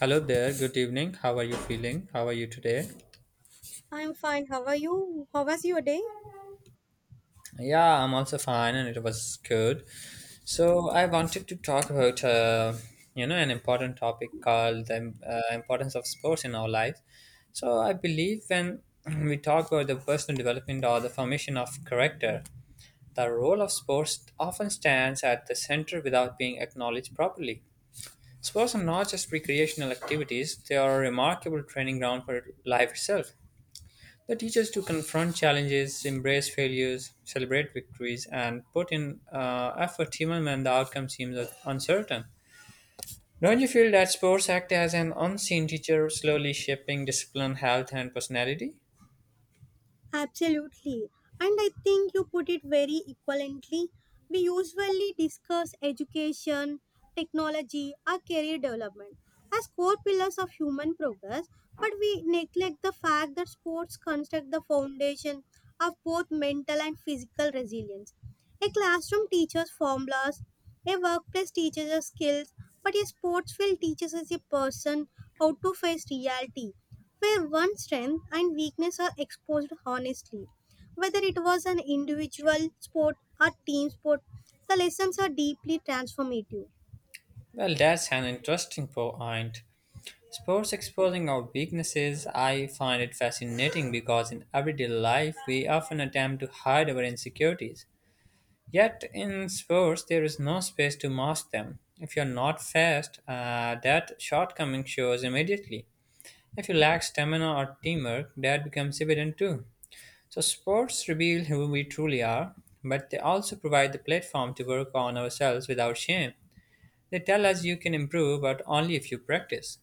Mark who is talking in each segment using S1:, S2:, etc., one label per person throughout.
S1: Hello there, good evening. How are you feeling? How are you today?
S2: I'm fine. How are you? How was your day?
S1: Yeah, I'm also fine and it was good. So, I wanted to talk about an important topic called the importance of sports in our lives. So, I believe when we talk about the personal development or the formation of character, the role of sports often stands at the center without being acknowledged properly. Sports are not just recreational activities, they are a remarkable training ground for life itself. The teachers to confront challenges, embrace failures, celebrate victories, and put in effort even when the outcome seems uncertain. Don't you feel that sports act as an unseen teacher, slowly shaping discipline, health, and personality?
S2: Absolutely. And I think you put it very equivalently. We usually discuss education, technology, or career development as core pillars of human progress, but we neglect the fact that sports construct the foundation of both mental and physical resilience. A classroom teaches formulas, a workplace teaches us skills, but a sports field teaches us a person how to face reality where one's strength and weakness are exposed honestly. Whether it was an individual sport or team sport, the lessons are deeply transformative.
S1: Well, that's an interesting point. Sports exposing our weaknesses, I find it fascinating because in everyday life we often attempt to hide our insecurities. Yet in sports, there is no space to mask them. If you're not fast, that shortcoming shows immediately. If you lack stamina or teamwork, that becomes evident too. So, sports reveal who we truly are, but they also provide the platform to work on ourselves without shame. They tell us you can improve, but only if you practice.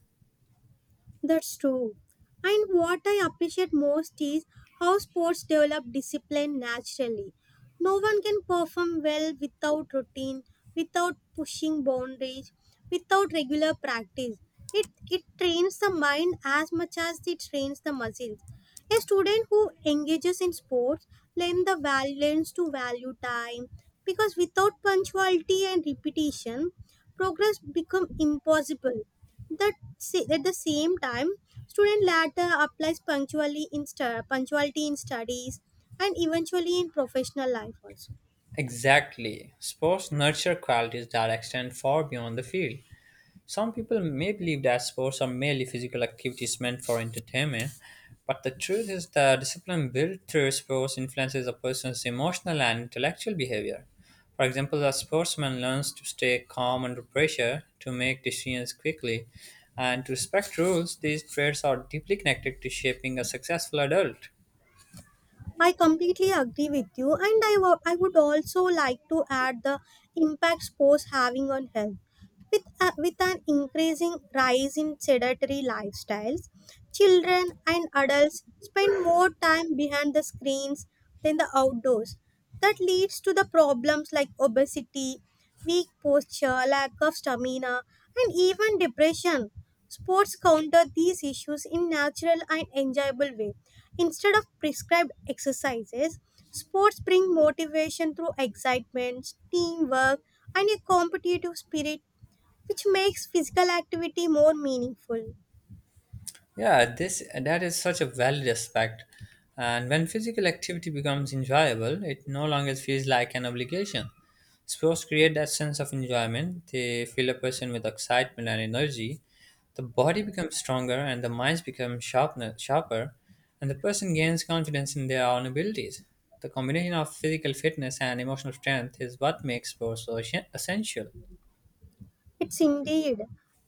S2: That's true. And what I appreciate most is how sports develop discipline naturally. No one can perform well without routine, without pushing boundaries, without regular practice. It trains the mind as much as it trains the muscles. A student who engages in sports learns the value, learns to value time because without punctuality and repetition, progress becomes impossible. At the same time, student later applies punctually in punctuality in studies and eventually in professional life also.
S1: Exactly. Sports nurture qualities that extend far beyond the field. Some people may believe that sports are merely physical activities meant for entertainment, but the truth is that discipline built through sports influences a person's emotional and intellectual behavior. For example, a sportsman learns to stay calm under pressure, to make decisions quickly, and to respect rules. These traits are deeply connected to shaping a successful adult.
S2: I completely agree with you, and I would also like to add the impact sports having on health. With an increasing rise in sedentary lifestyles, children and adults spend more time behind the screens than the outdoors. That leads to the problems like obesity, weak posture, lack of stamina, and even depression. Sports counter these issues in natural and enjoyable way. Instead of prescribed exercises, sports bring motivation through excitement, teamwork, and a competitive spirit, which makes physical activity more meaningful.
S1: Yeah, this that is such a valid aspect. And when physical activity becomes enjoyable, it no longer feels like an obligation. Sports create that sense of enjoyment. They fill a person with excitement and energy. The body becomes stronger and the minds become sharper, and the person gains confidence in their own abilities. The combination of physical fitness and emotional strength is what makes sports so essential.
S2: It's indeed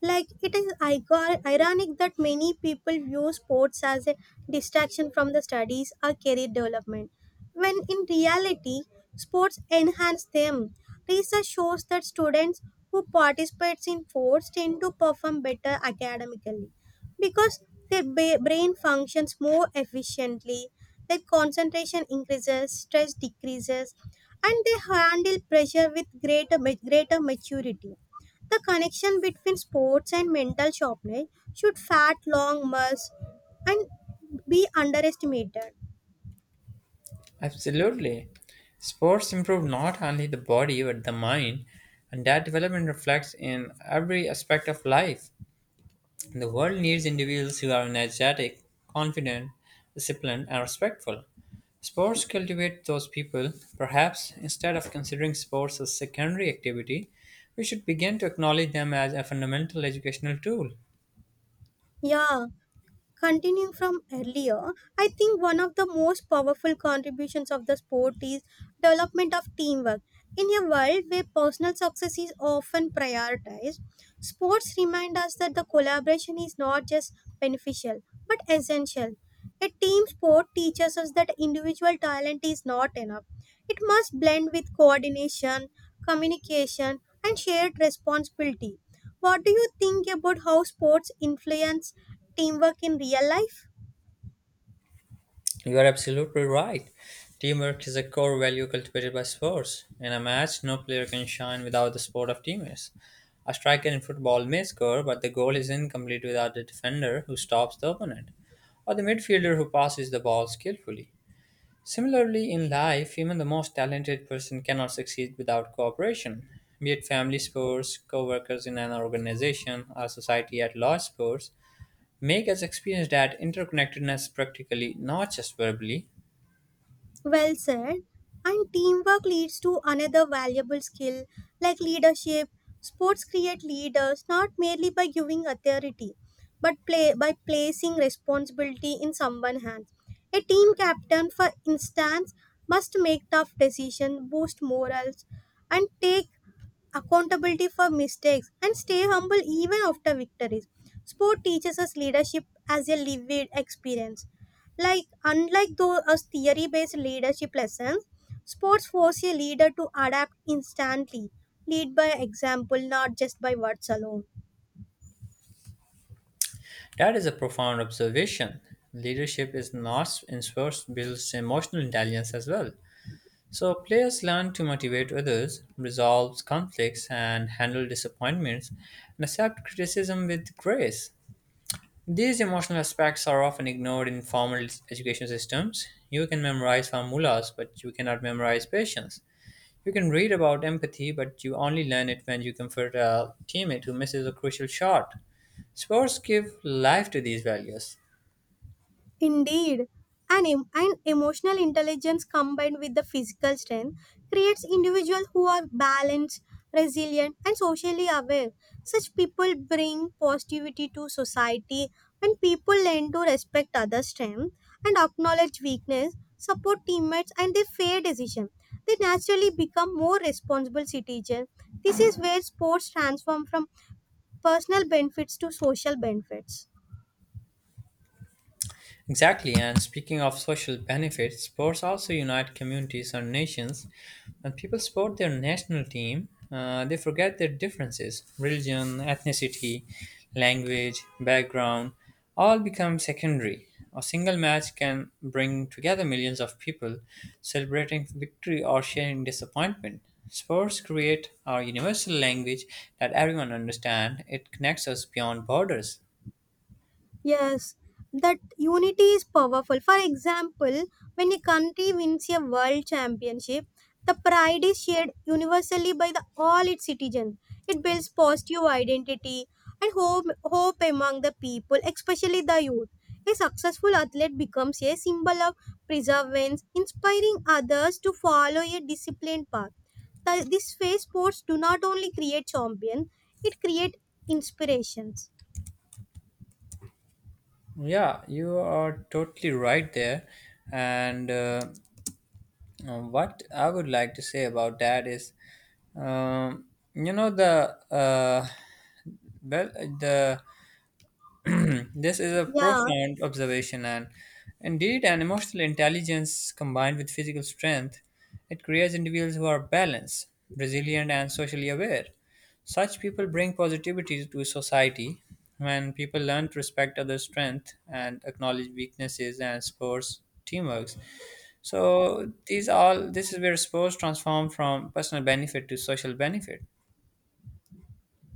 S2: like it is ironic that many people view sports as a distraction from the studies or career development, when in reality, sports enhance them. Research shows that students who participate in sports tend to perform better academically because their brain functions more efficiently, their concentration increases, stress decreases, and they handle pressure with greater maturity. The connection between sports and mental sharpness should fat long muscles and be underestimated.
S1: Absolutely. Sports improve not only the body but the mind, and that development reflects in every aspect of life. The world needs individuals who are energetic, confident, disciplined, and respectful. Sports cultivate those people. Perhaps instead of considering sports as secondary activity, we should begin to acknowledge them as a fundamental educational tool.
S2: Yeah, continuing from earlier, I think one of the most powerful contributions of the sport is development of teamwork. In a world where personal success is often prioritized, sports remind us that the collaboration is not just beneficial but essential. A team sport teaches us that individual talent is not enough. It must blend with coordination, communication, and shared responsibility. What do you think about how sports influence teamwork in real life?
S1: You are absolutely right. Teamwork is a core value cultivated by sports. In a match, no player can shine without the support of teammates. A striker in football may score, but the goal is incomplete without the defender who stops the opponent, or the midfielder who passes the ball skillfully. Similarly, in life, even the most talented person cannot succeed without cooperation. Be it family sports, co workers in an organization, or society at large sports, make us experience that interconnectedness practically, not just verbally.
S2: Well said. And teamwork leads to another valuable skill like leadership. Sports create leaders not merely by giving authority, but by placing responsibility in someone's hands. A team captain, for instance, must make tough decisions, boost morals, and take accountability for mistakes, and stay humble even after victories. Sport teaches us leadership as a lived experience. Unlike those theory-based leadership lessons, sports force a leader to adapt instantly, lead by example, not just by words alone.
S1: That is a profound observation. Leadership is not in sports builds emotional intelligence as well. So players learn to motivate others, resolve conflicts and handle disappointments, and accept criticism with grace. These emotional aspects are often ignored in formal education systems. You can memorize formulas, but you cannot memorize patience. You can read about empathy, but you only learn it when you comfort a teammate who misses a crucial shot. Sports give life to these values.
S2: Indeed, an emotional intelligence combined with the physical strength creates individuals who are balanced, resilient, and socially aware. Such people bring positivity to society when people learn to respect others' strength and acknowledge weakness, support teammates, and their fair decision. They naturally become more responsible citizens. This is where sports transform from personal benefits to social benefits.
S1: Exactly, and speaking of social benefits, sports also unite communities or nations. When people support their national team, they forget their differences religion, ethnicity, language, background all become secondary. A single match can bring together millions of people celebrating victory or sharing disappointment. Sports create a universal language that everyone understands. It connects us beyond borders.
S2: Yes, that unity is powerful. For example, when a country wins a world championship, the pride is shared universally by all its citizens. It builds positive identity and hope among the people, especially the youth. A successful athlete becomes a symbol of perseverance, inspiring others to follow a disciplined path. This phase sports do not only create champions, it creates inspirations.
S1: Yeah, you are totally right there. And what I would like to say about that is, um, you know, the well, the Hmm, this is a
S2: Yeah,
S1: profound observation, and indeed, an emotional intelligence combined with physical strength, it creates individuals who are balanced, resilient, and socially aware. Such people bring positivity to society. When people learn to respect others' strength and acknowledge weaknesses and sports teamwork, so these all this is where sports transform from personal benefit to social benefit.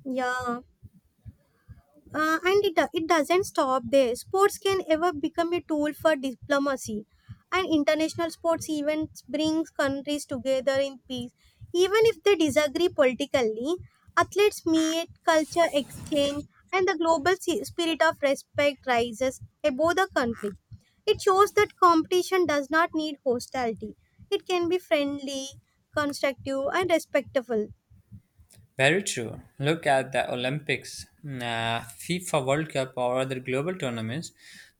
S2: yeah. And it doesn't stop there. Sports can ever become a tool for diplomacy, and international sports events brings countries together in peace. Even if they disagree politically, athletes meet, culture exchange, and the global spirit of respect rises above the conflict. It shows that competition does not need hostility. It can be friendly, constructive, and respectful.
S1: Very true. Look at the Olympics, FIFA World Cup, or other global tournaments.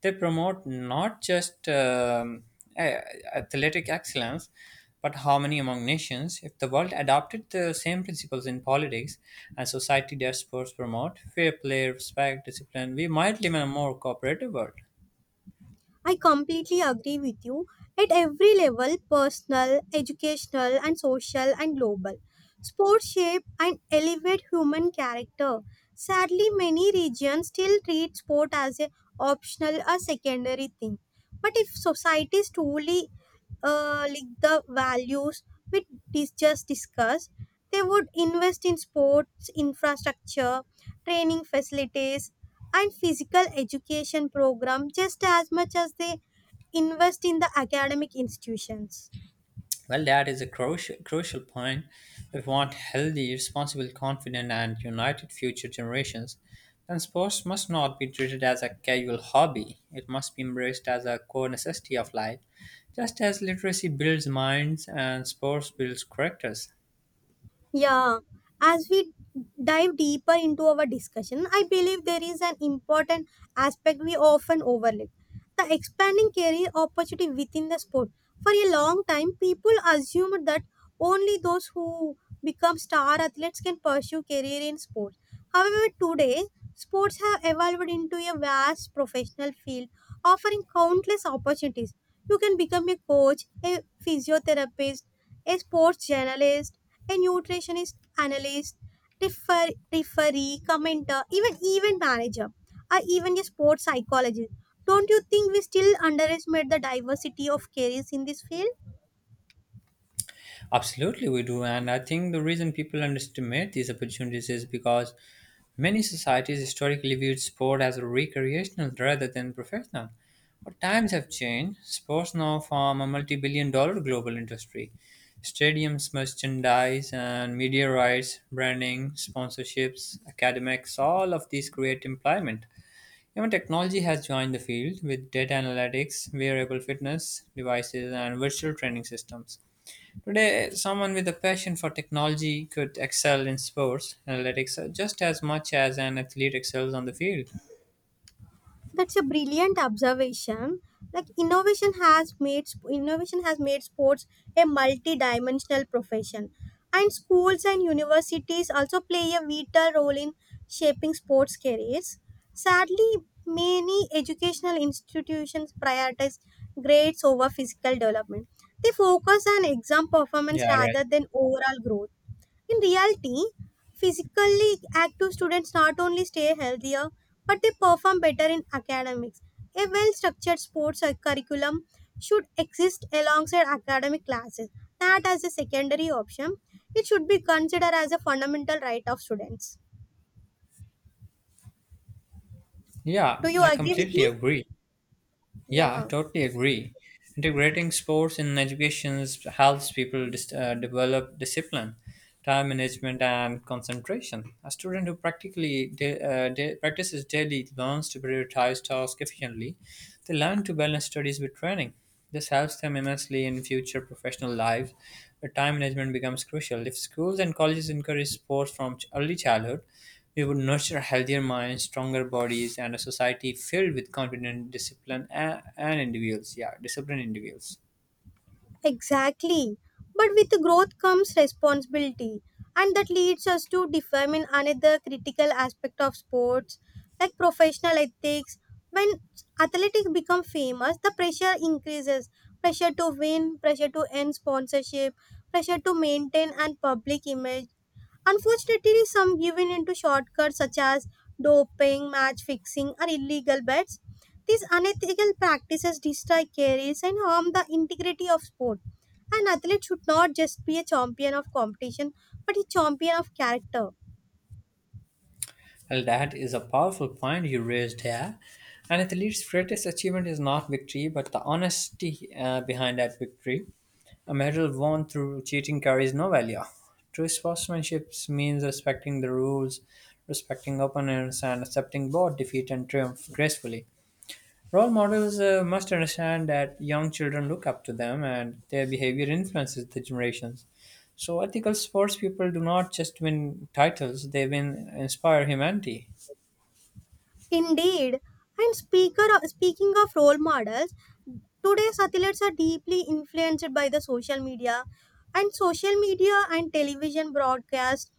S1: They promote not just athletic excellence, but harmony among nations. If the world adopted the same principles in politics and society that sports promote fair play, respect, discipline we might live in a more cooperative world.
S2: I completely agree with you at every level personal, educational, and social and global. Sports shape and elevate human character. Sadly, many regions still treat sport as a optional or secondary thing. But if societies truly like the values we just discussed, they would invest in sports infrastructure, training facilities, and physical education program just as much as they invest in the academic institutions.
S1: Well, that is a crucial point. If we want healthy, responsible, confident, and united future generations, then sports must not be treated as a casual hobby. It must be embraced as a core necessity of life. Just as literacy builds minds and sports builds characters,
S2: Yeah, as we dive deeper into our discussion, I believe there is an important aspect we often overlook the expanding career opportunity within the sport. For a long time, people assumed that only those who become star athletes can pursue career in sports. However, today, sports have evolved into a vast professional field offering countless opportunities. You can become a coach, a physiotherapist, a sports journalist, a nutritionist, analyst, referee, commenter, even event manager, or even a sports psychologist. Don't you think we still underestimate the diversity of careers in this field?
S1: absolutely, we do. And I think the reason people underestimate these opportunities is because many societies historically viewed sport as recreational rather than professional. But times have changed. Sports now form a multi billion dollar global industry. Stadiums, merchandise, and media rights, branding, sponsorships, academics, all of these create employment. Even technology has joined the field with data analytics, wearable fitness devices, and virtual training systems. Today, someone with a passion for technology could excel in sports analytics just as much as an athlete excels on the field.
S2: That's a brilliant observation. Like innovation has made sports a multi-dimensional profession, and schools and universities also play a vital role in shaping sports careers. Sadly, many educational institutions prioritize grades over physical development. They focus on exam performance
S1: Yeah, right.
S2: rather than overall growth. In reality, physically active students not only stay healthier but they perform better in academics. A well structured sports curriculum should exist alongside academic classes, not as a secondary option. It should be considered as a fundamental right of students.
S1: Yeah,
S2: Do you
S1: I
S2: agree with
S1: completely
S2: me?
S1: agree. Yeah, I
S2: Yeah.
S1: totally agree. Integrating sports in education helps people develop discipline, time management, and concentration. A student who practices daily learns to prioritize tasks efficiently. They learn to balance studies with training. This helps them immensely in future professional lives, where time management becomes crucial. If schools and colleges encourage sports from early childhood, we would nurture healthier minds, stronger bodies, and a society filled with confident, discipline, and individuals. Yeah, disciplined individuals.
S2: Exactly. But with growth comes responsibility, and that leads us to determine another critical aspect of sports, like professional ethics. When athletics become famous, the pressure increases: pressure to win, pressure to end sponsorship, pressure to maintain an public image. Unfortunately, some given into shortcuts such as doping, match fixing, or illegal bets. These unethical practices destroy careers and harm the integrity of sport. An athlete should not just be a champion of competition, but a champion of character.
S1: Well, that is a powerful point you raised here. An athlete's greatest achievement is not victory, but the honesty behind that victory. A medal won through cheating carries no value. True sportsmanship means respecting the rules, respecting opponents, and accepting both defeat and triumph gracefully. Role models must understand that young children look up to them and their behavior influences the generations. So, ethical sports people do not just win titles, they win inspire humanity.
S2: Indeed, and speaker speaking of role models, today's athletes are deeply influenced by the social media and television broadcasts.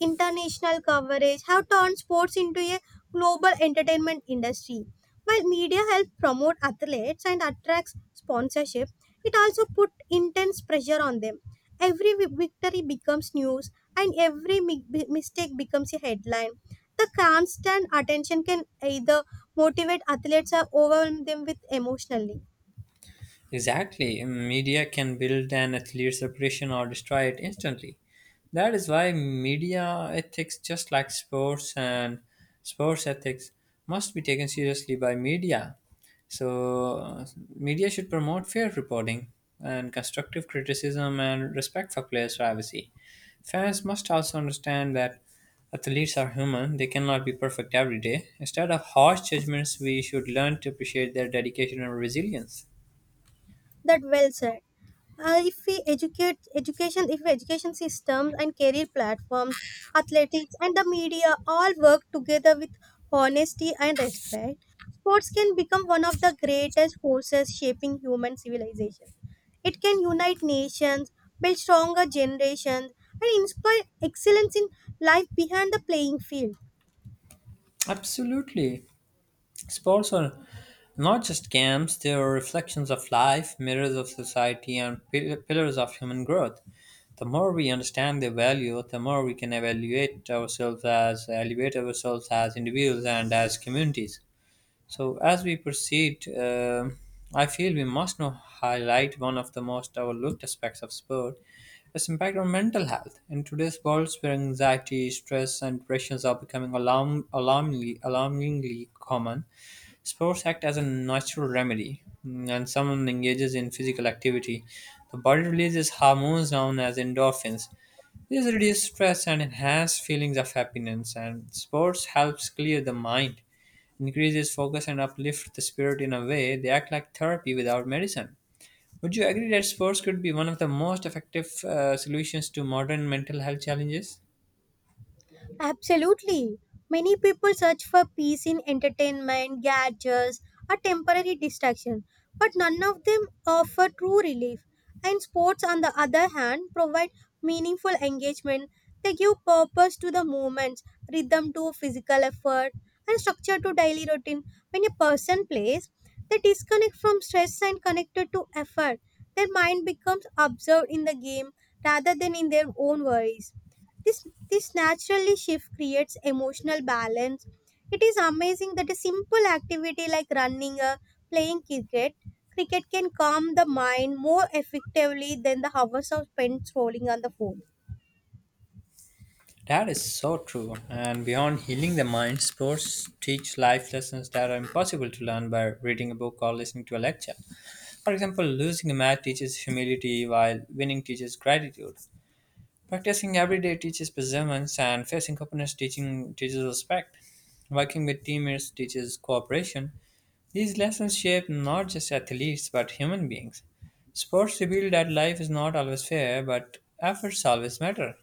S2: International coverage have turned sports into a global entertainment industry. While media helps promote athletes and attracts sponsorship, it also put intense pressure on them. Every victory becomes news and every mistake becomes a headline. The constant attention can either motivate athletes or overwhelm them with emotionally.
S1: Exactly. Media can build an athlete's reputation or destroy it instantly. That is why media ethics, just like sports ethics, must be taken seriously by media. So, media should promote fair reporting and constructive criticism and respect for players' privacy. Fans must also understand that athletes are human, they cannot be perfect every day. Instead of harsh judgments, we should learn to appreciate their dedication and resilience.
S2: That well said. If education systems and career platforms, athletics and the media all work together with honesty and respect, sports can become one of the greatest forces shaping human civilization. It can unite nations, build stronger generations, and inspire excellence in life behind the playing field.
S1: Absolutely. Sports are not just games, they are reflections of life, mirrors of society, and pillars of human growth. The more we understand their value, the more we can evaluate ourselves as elevate ourselves as individuals and as communities. So, as we proceed, I feel we must now highlight one of the most overlooked aspects of sport its impact on mental health. In today's world, where anxiety, stress, and depressions are becoming alarmingly common, sports act as a natural remedy. And someone engages in physical activity, the body releases hormones known as endorphins. These reduce stress and enhance feelings of happiness, and sports helps clear the mind increases focus and uplift the spirit in a way they act like therapy without medicine. Would you agree that sports could be one of the most effective solutions to modern mental health challenges?
S2: Absolutely. Many people search for peace in entertainment, gadgets, or temporary distraction, but none of them offer true relief. And sports, on the other hand, provide meaningful engagement. They give purpose to the movements, rhythm to physical effort, and structure to daily routine. When a person plays, they disconnect from stress and connected to effort. Their mind becomes absorbed in the game rather than in their own worries. This naturally shift creates emotional balance. It is amazing that a simple activity like running or playing cricket can calm the mind more effectively than the hours of spent scrolling on the phone.
S1: That is so true. And beyond healing the mind, sports teach life lessons that are impossible to learn by reading a book or listening to a lecture. For example, losing a match teaches humility while winning teaches gratitude. Practicing every day teaches perseverance, and facing opponents teaching teaches respect. Working with teammates teaches cooperation. These lessons shape not just athletes but human beings. Sports reveal that life is not always fair, but efforts always matter.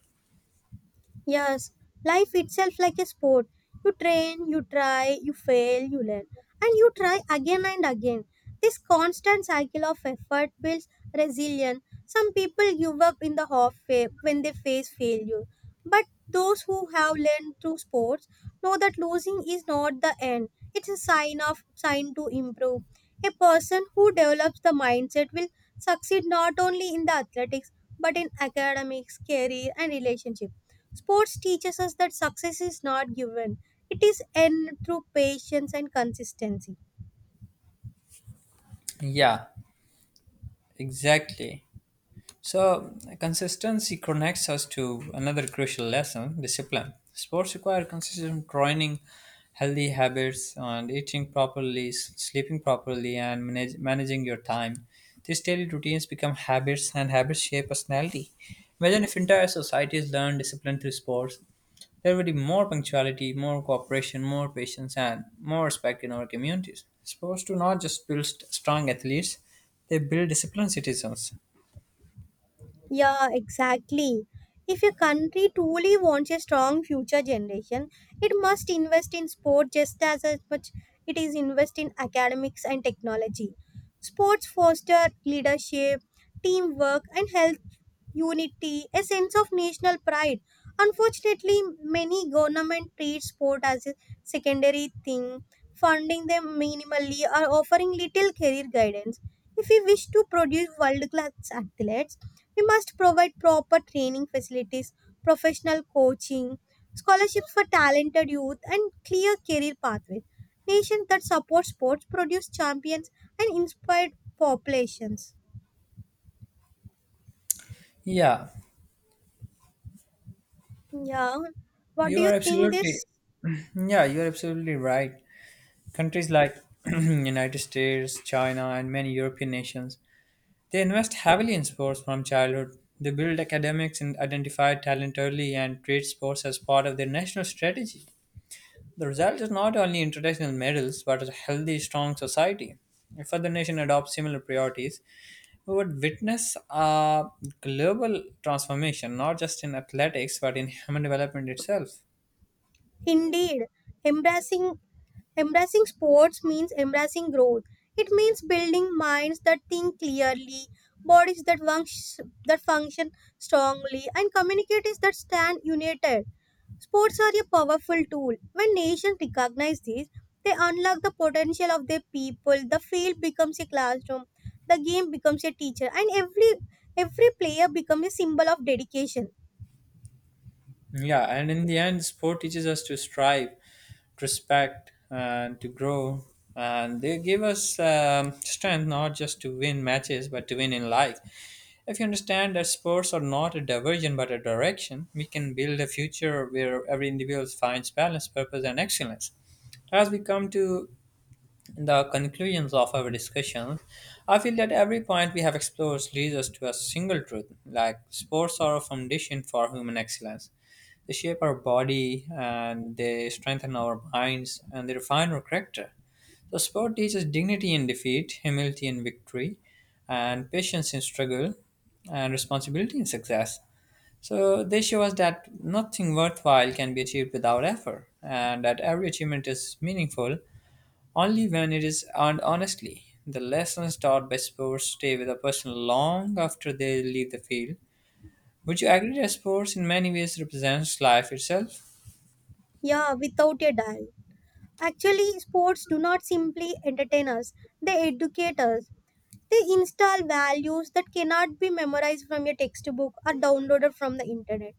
S2: Yes, life itself like a sport. You train, you try, you fail, you learn, and you try again and again. This constant cycle of effort builds resilience. Some people give up in the halfway when they face failure, but those who have learned through sports know that losing is not the end. It's a sign of sign to improve. A person who develops the mindset will succeed not only in the athletics but in academics, career, and relationships. Sports teaches us that success is not given, it is earned through patience and consistency.
S1: Yeah, exactly. So, consistency connects us to another crucial lesson discipline. Sports require consistent training, healthy habits, and eating properly, sleeping properly, and managing your time. These daily routines become habits, and habits shape personality. Imagine if entire societies learn discipline through sports. There would be more punctuality, more cooperation, more patience, and more respect in our communities. Sports do not just build strong athletes, they build disciplined citizens.
S2: Yeah, exactly. If a country truly wants a strong future generation, it must invest in sport just as much it is invest in academics and technology. Sports foster leadership, teamwork, and health unity, a sense of national pride. Unfortunately, many government treat sport as a secondary thing, funding them minimally or offering little career guidance. If we wish to produce world-class athletes, we must provide proper training facilities, professional coaching, scholarships for talented youth, and clear career pathways. Nations that support sports produce champions and inspired populations.
S1: Yeah,
S2: Yeah, what
S1: You
S2: do
S1: are
S2: you think
S1: absolutely,
S2: this?
S1: yeah, you are absolutely right. Countries like United States, China, and many European nations, they invest heavily in sports from childhood. They build academics and identify talent early and treat sports as part of their national strategy. The result is not only international medals, but a healthy, strong society. If other nations adopt similar priorities, we would witness a global transformation, not just in athletics, but in human development itself.
S2: Indeed, embracing embracing sports means embracing growth. It means building minds that think clearly, bodies that function strongly, and communities that stand united. Sports are a powerful tool. When nations recognize this, they unlock the potential of their people. The field becomes a classroom, the game becomes a teacher, and every player becomes a symbol of dedication.
S1: Yeah, and in the end, sport teaches us to strive, to respect, and to grow. And they give us strength not just to win matches, but to win in life. If you understand that sports are not a diversion but a direction, we can build a future where every individual finds balance, purpose, and excellence. As we come to the conclusions of our discussion, I feel that every point we have explored leads us to a single truth like sports are a foundation for human excellence. They shape our body and they strengthen our minds and they refine our character. So, sport teaches dignity in defeat, humility in victory, and patience in struggle, and responsibility in success. So, they show us that nothing worthwhile can be achieved without effort, and that every achievement is meaningful only when it is earned honestly. The lessons taught by sports stay with a person long after they leave the field. Would you agree that sports in many ways represents life itself?
S2: Yeah, without a doubt. Actually, sports do not simply entertain us, they educate us. They install values that cannot be memorized from a textbook or downloaded from the internet.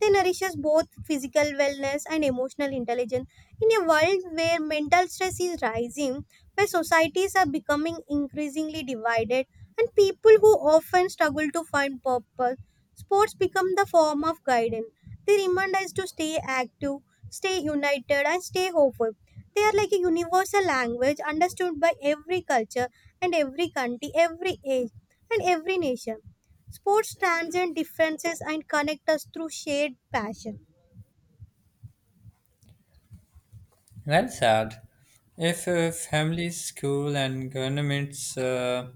S2: They nourishes both physical wellness and emotional intelligence. In a world where mental stress is rising, where societies are becoming increasingly divided, and people who often struggle to find purpose, sports become the form of guidance. They remind us to stay active, stay united, and stay hopeful. They are like a universal language understood by every culture and every country, every age, and every nation. Sports transcend differences and connect us through shared passion.
S1: Well said. If families, school, and governments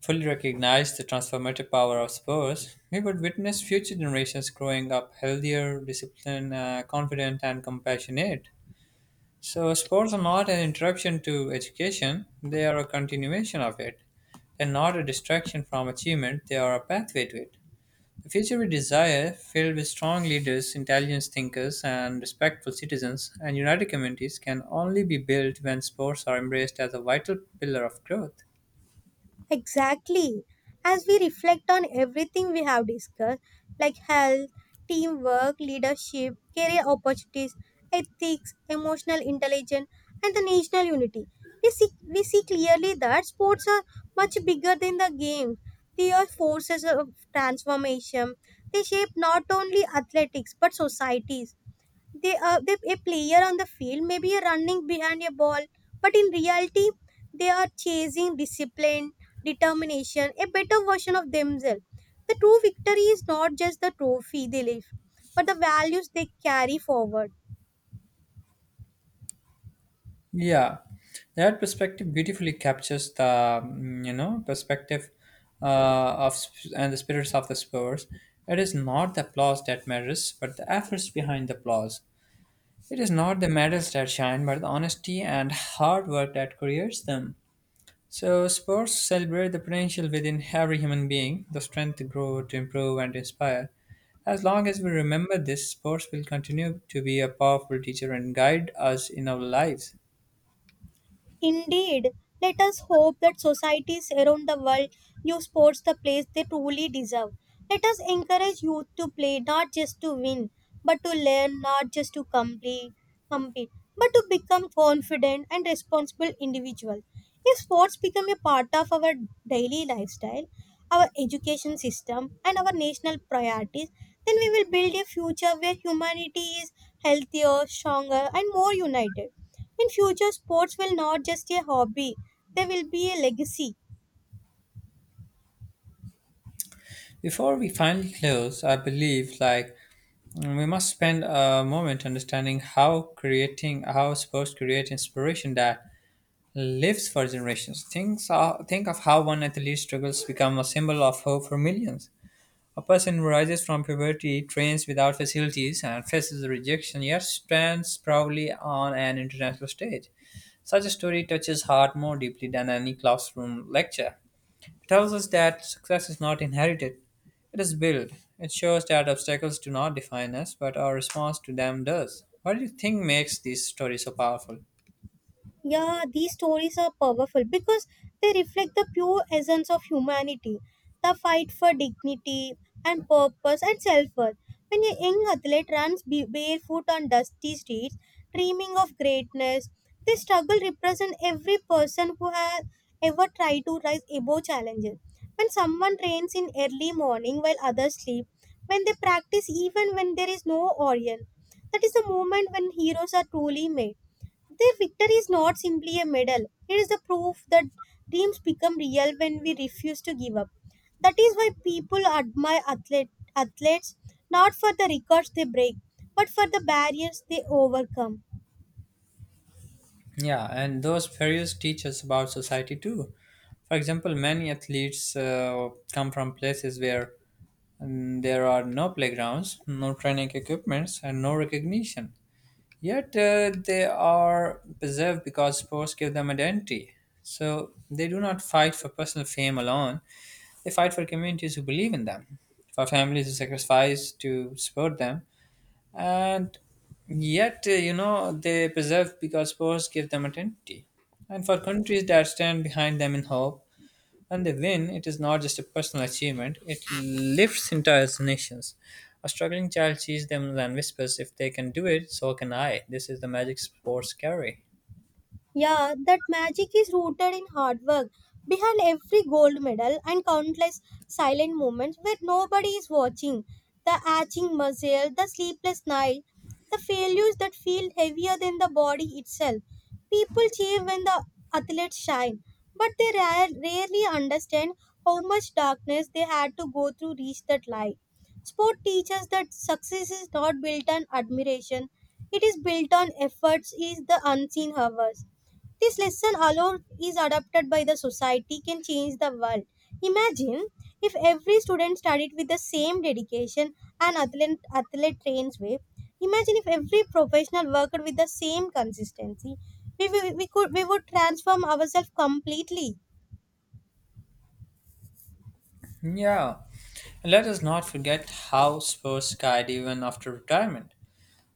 S1: fully recognize the transformative power of sports, we would witness future generations growing up healthier, disciplined, confident, and compassionate. So, sports are not an interruption to education, they are a continuation of it. They're not a distraction from achievement, they are a pathway to it. The future we desire, filled with strong leaders, intelligent thinkers, and respectful citizens, and united communities, can only be built when sports are embraced as a vital pillar of growth.
S2: Exactly. As we reflect on everything we have discussed, like health, teamwork, leadership, career opportunities, ethics, emotional intelligence, and the national unity, we see clearly that sports are much bigger than the game. They are forces of transformation. They shape not only athletics but societies. They a player on the field may be running behind a ball, but in reality they are chasing discipline, determination, a better version of themselves. The true victory is not just the trophy they lift, but the values they carry forward.
S1: Yeah, that perspective beautifully captures the perspective of sp- and the spirits of the Spurs. It is not the applause that matters, but the efforts behind the applause. It is not the medals that shine, but the honesty and hard work that creates them. So, sports celebrate the potential within every human being, the strength to grow, to improve, and to inspire. As long as we remember this, sports will continue to be a powerful teacher and guide us in our lives.
S2: Indeed, let us hope that societies around the world give sports the place they truly deserve. Let us encourage youth to play not just to win, but to learn, not just to complete, compete, but to become confident and responsible individuals. If sports become a part of our daily lifestyle, our education system, and our national priorities, then we will build a future where humanity is healthier, stronger, and more united. In future, sports will not just a hobby; they will be a legacy.
S1: Before we finally close, I believe like we must spend a moment understanding how sports create inspiration that lives for generations. Think of how one athlete struggles become a symbol of hope for millions. A person who rises from poverty, trains without facilities, and faces rejection yet stands proudly on an international stage. Such a story touches heart more deeply than any classroom lecture. It tells us that success is not inherited, it is built. It shows that obstacles do not define us, but our response to them does. What do you think makes these stories so powerful?
S2: Yeah, these stories are powerful because they reflect the pure essence of humanity, the fight for dignity and purpose and self-worth. When a young athlete runs barefoot on dusty streets, dreaming of greatness, this struggle represents every person who has ever tried to rise above challenges. When someone trains in early morning while others sleep, when they practice even when there is no audience, that is the moment when heroes are truly made. Their victory is not simply a medal, it is the proof that dreams become real when we refuse to give up. That is why people admire athletes not for the records they break, but for the barriers they overcome.
S1: Yeah, and those fairies teach us about society too. For example, many athletes come from places where and there are no playgrounds, no training equipments, and no recognition. Yet they are preserved because sports give them identity. So they do not fight for personal fame alone, they fight for communities who believe in them, for families who sacrifice to support them. And yet, they preserve because sports give them identity, and for countries that stand behind them in hope. And the win, it is not just a personal achievement, it lifts entire nations. A struggling child sees them and whispers, if they can do it, so can I. This is the magic sports carry.
S2: Yeah, that magic is rooted in hard work. Behind every gold medal and countless silent moments where nobody is watching, the aching muscle, the sleepless night, the failures that feel heavier than the body itself. People cheer when the athletes shine, but they rarely understand how much darkness they had to go through to reach that light. Sport teaches that success is not built on admiration, it is built on efforts, is the unseen hours. This lesson alone is adopted by the society can change the world. Imagine if every student studied with the same dedication and athlete trains way. Imagine if every professional worked with the same consistency. We would transform ourselves completely.
S1: Yeah, and let us not forget how sports guide even after retirement.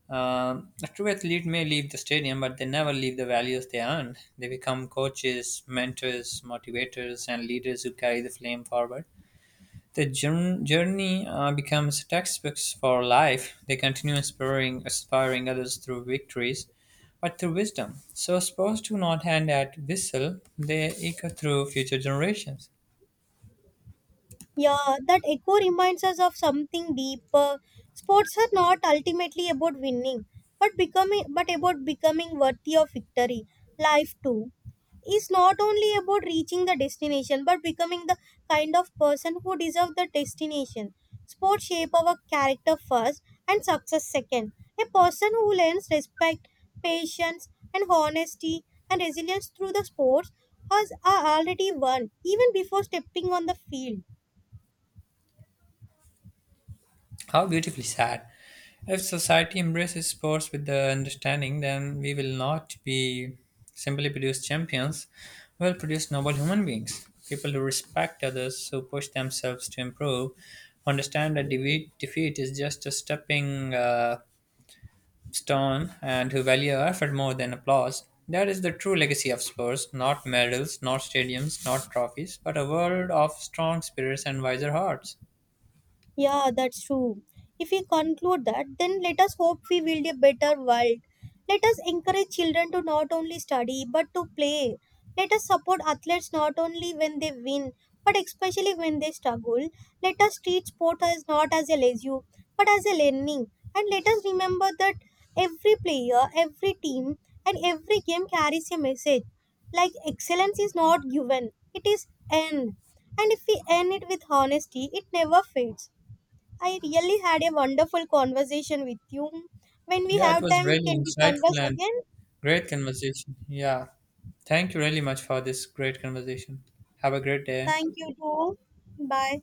S1: A true athlete may leave the stadium, but they never leave the values they earned. They become coaches, mentors, motivators, and leaders who carry the flame forward. The journey becomes textbooks for life. They continue inspiring others through victories, but through wisdom. So, sports do not hand out whistle, they echo through future generations.
S2: Yeah, that echo reminds us of something deeper. Sports are not ultimately about winning, but about becoming worthy of victory. Life too is not only about reaching the destination but becoming the kind of person who deserves the destination. Sports shape our character first and success second. A person who learns respect, patience, and honesty and resilience through the sports has are already won even before stepping on the field.
S1: How beautifully sad. If society embraces sports with the understanding, then we will not be simply produce champions, we'll produce noble human beings. People who respect others, who push themselves to improve, who understand that defeat is just a stepping stone, and who value effort more than applause. That is the true legacy of sports, not medals, not stadiums, not trophies, but a world of strong spirits and wiser hearts.
S2: Yeah, that's true. If we conclude that, then let us hope we build a better world. Let us encourage children to not only study but to play. Let us support athletes not only when they win but especially when they struggle. Let us treat sport as not as a leisure but as a learning. And let us remember that every player, every team, and every game carries a message. Like excellence is not given, it is earned. And if we earn it with honesty, it never fades. I really had a wonderful conversation with you. When we
S1: Yeah, it
S2: have
S1: was
S2: time,
S1: really
S2: can we converse
S1: insightful and
S2: again?
S1: great conversation. Yeah. Thank you really much for this great conversation. Have a great day.
S2: Thank you too. Bye.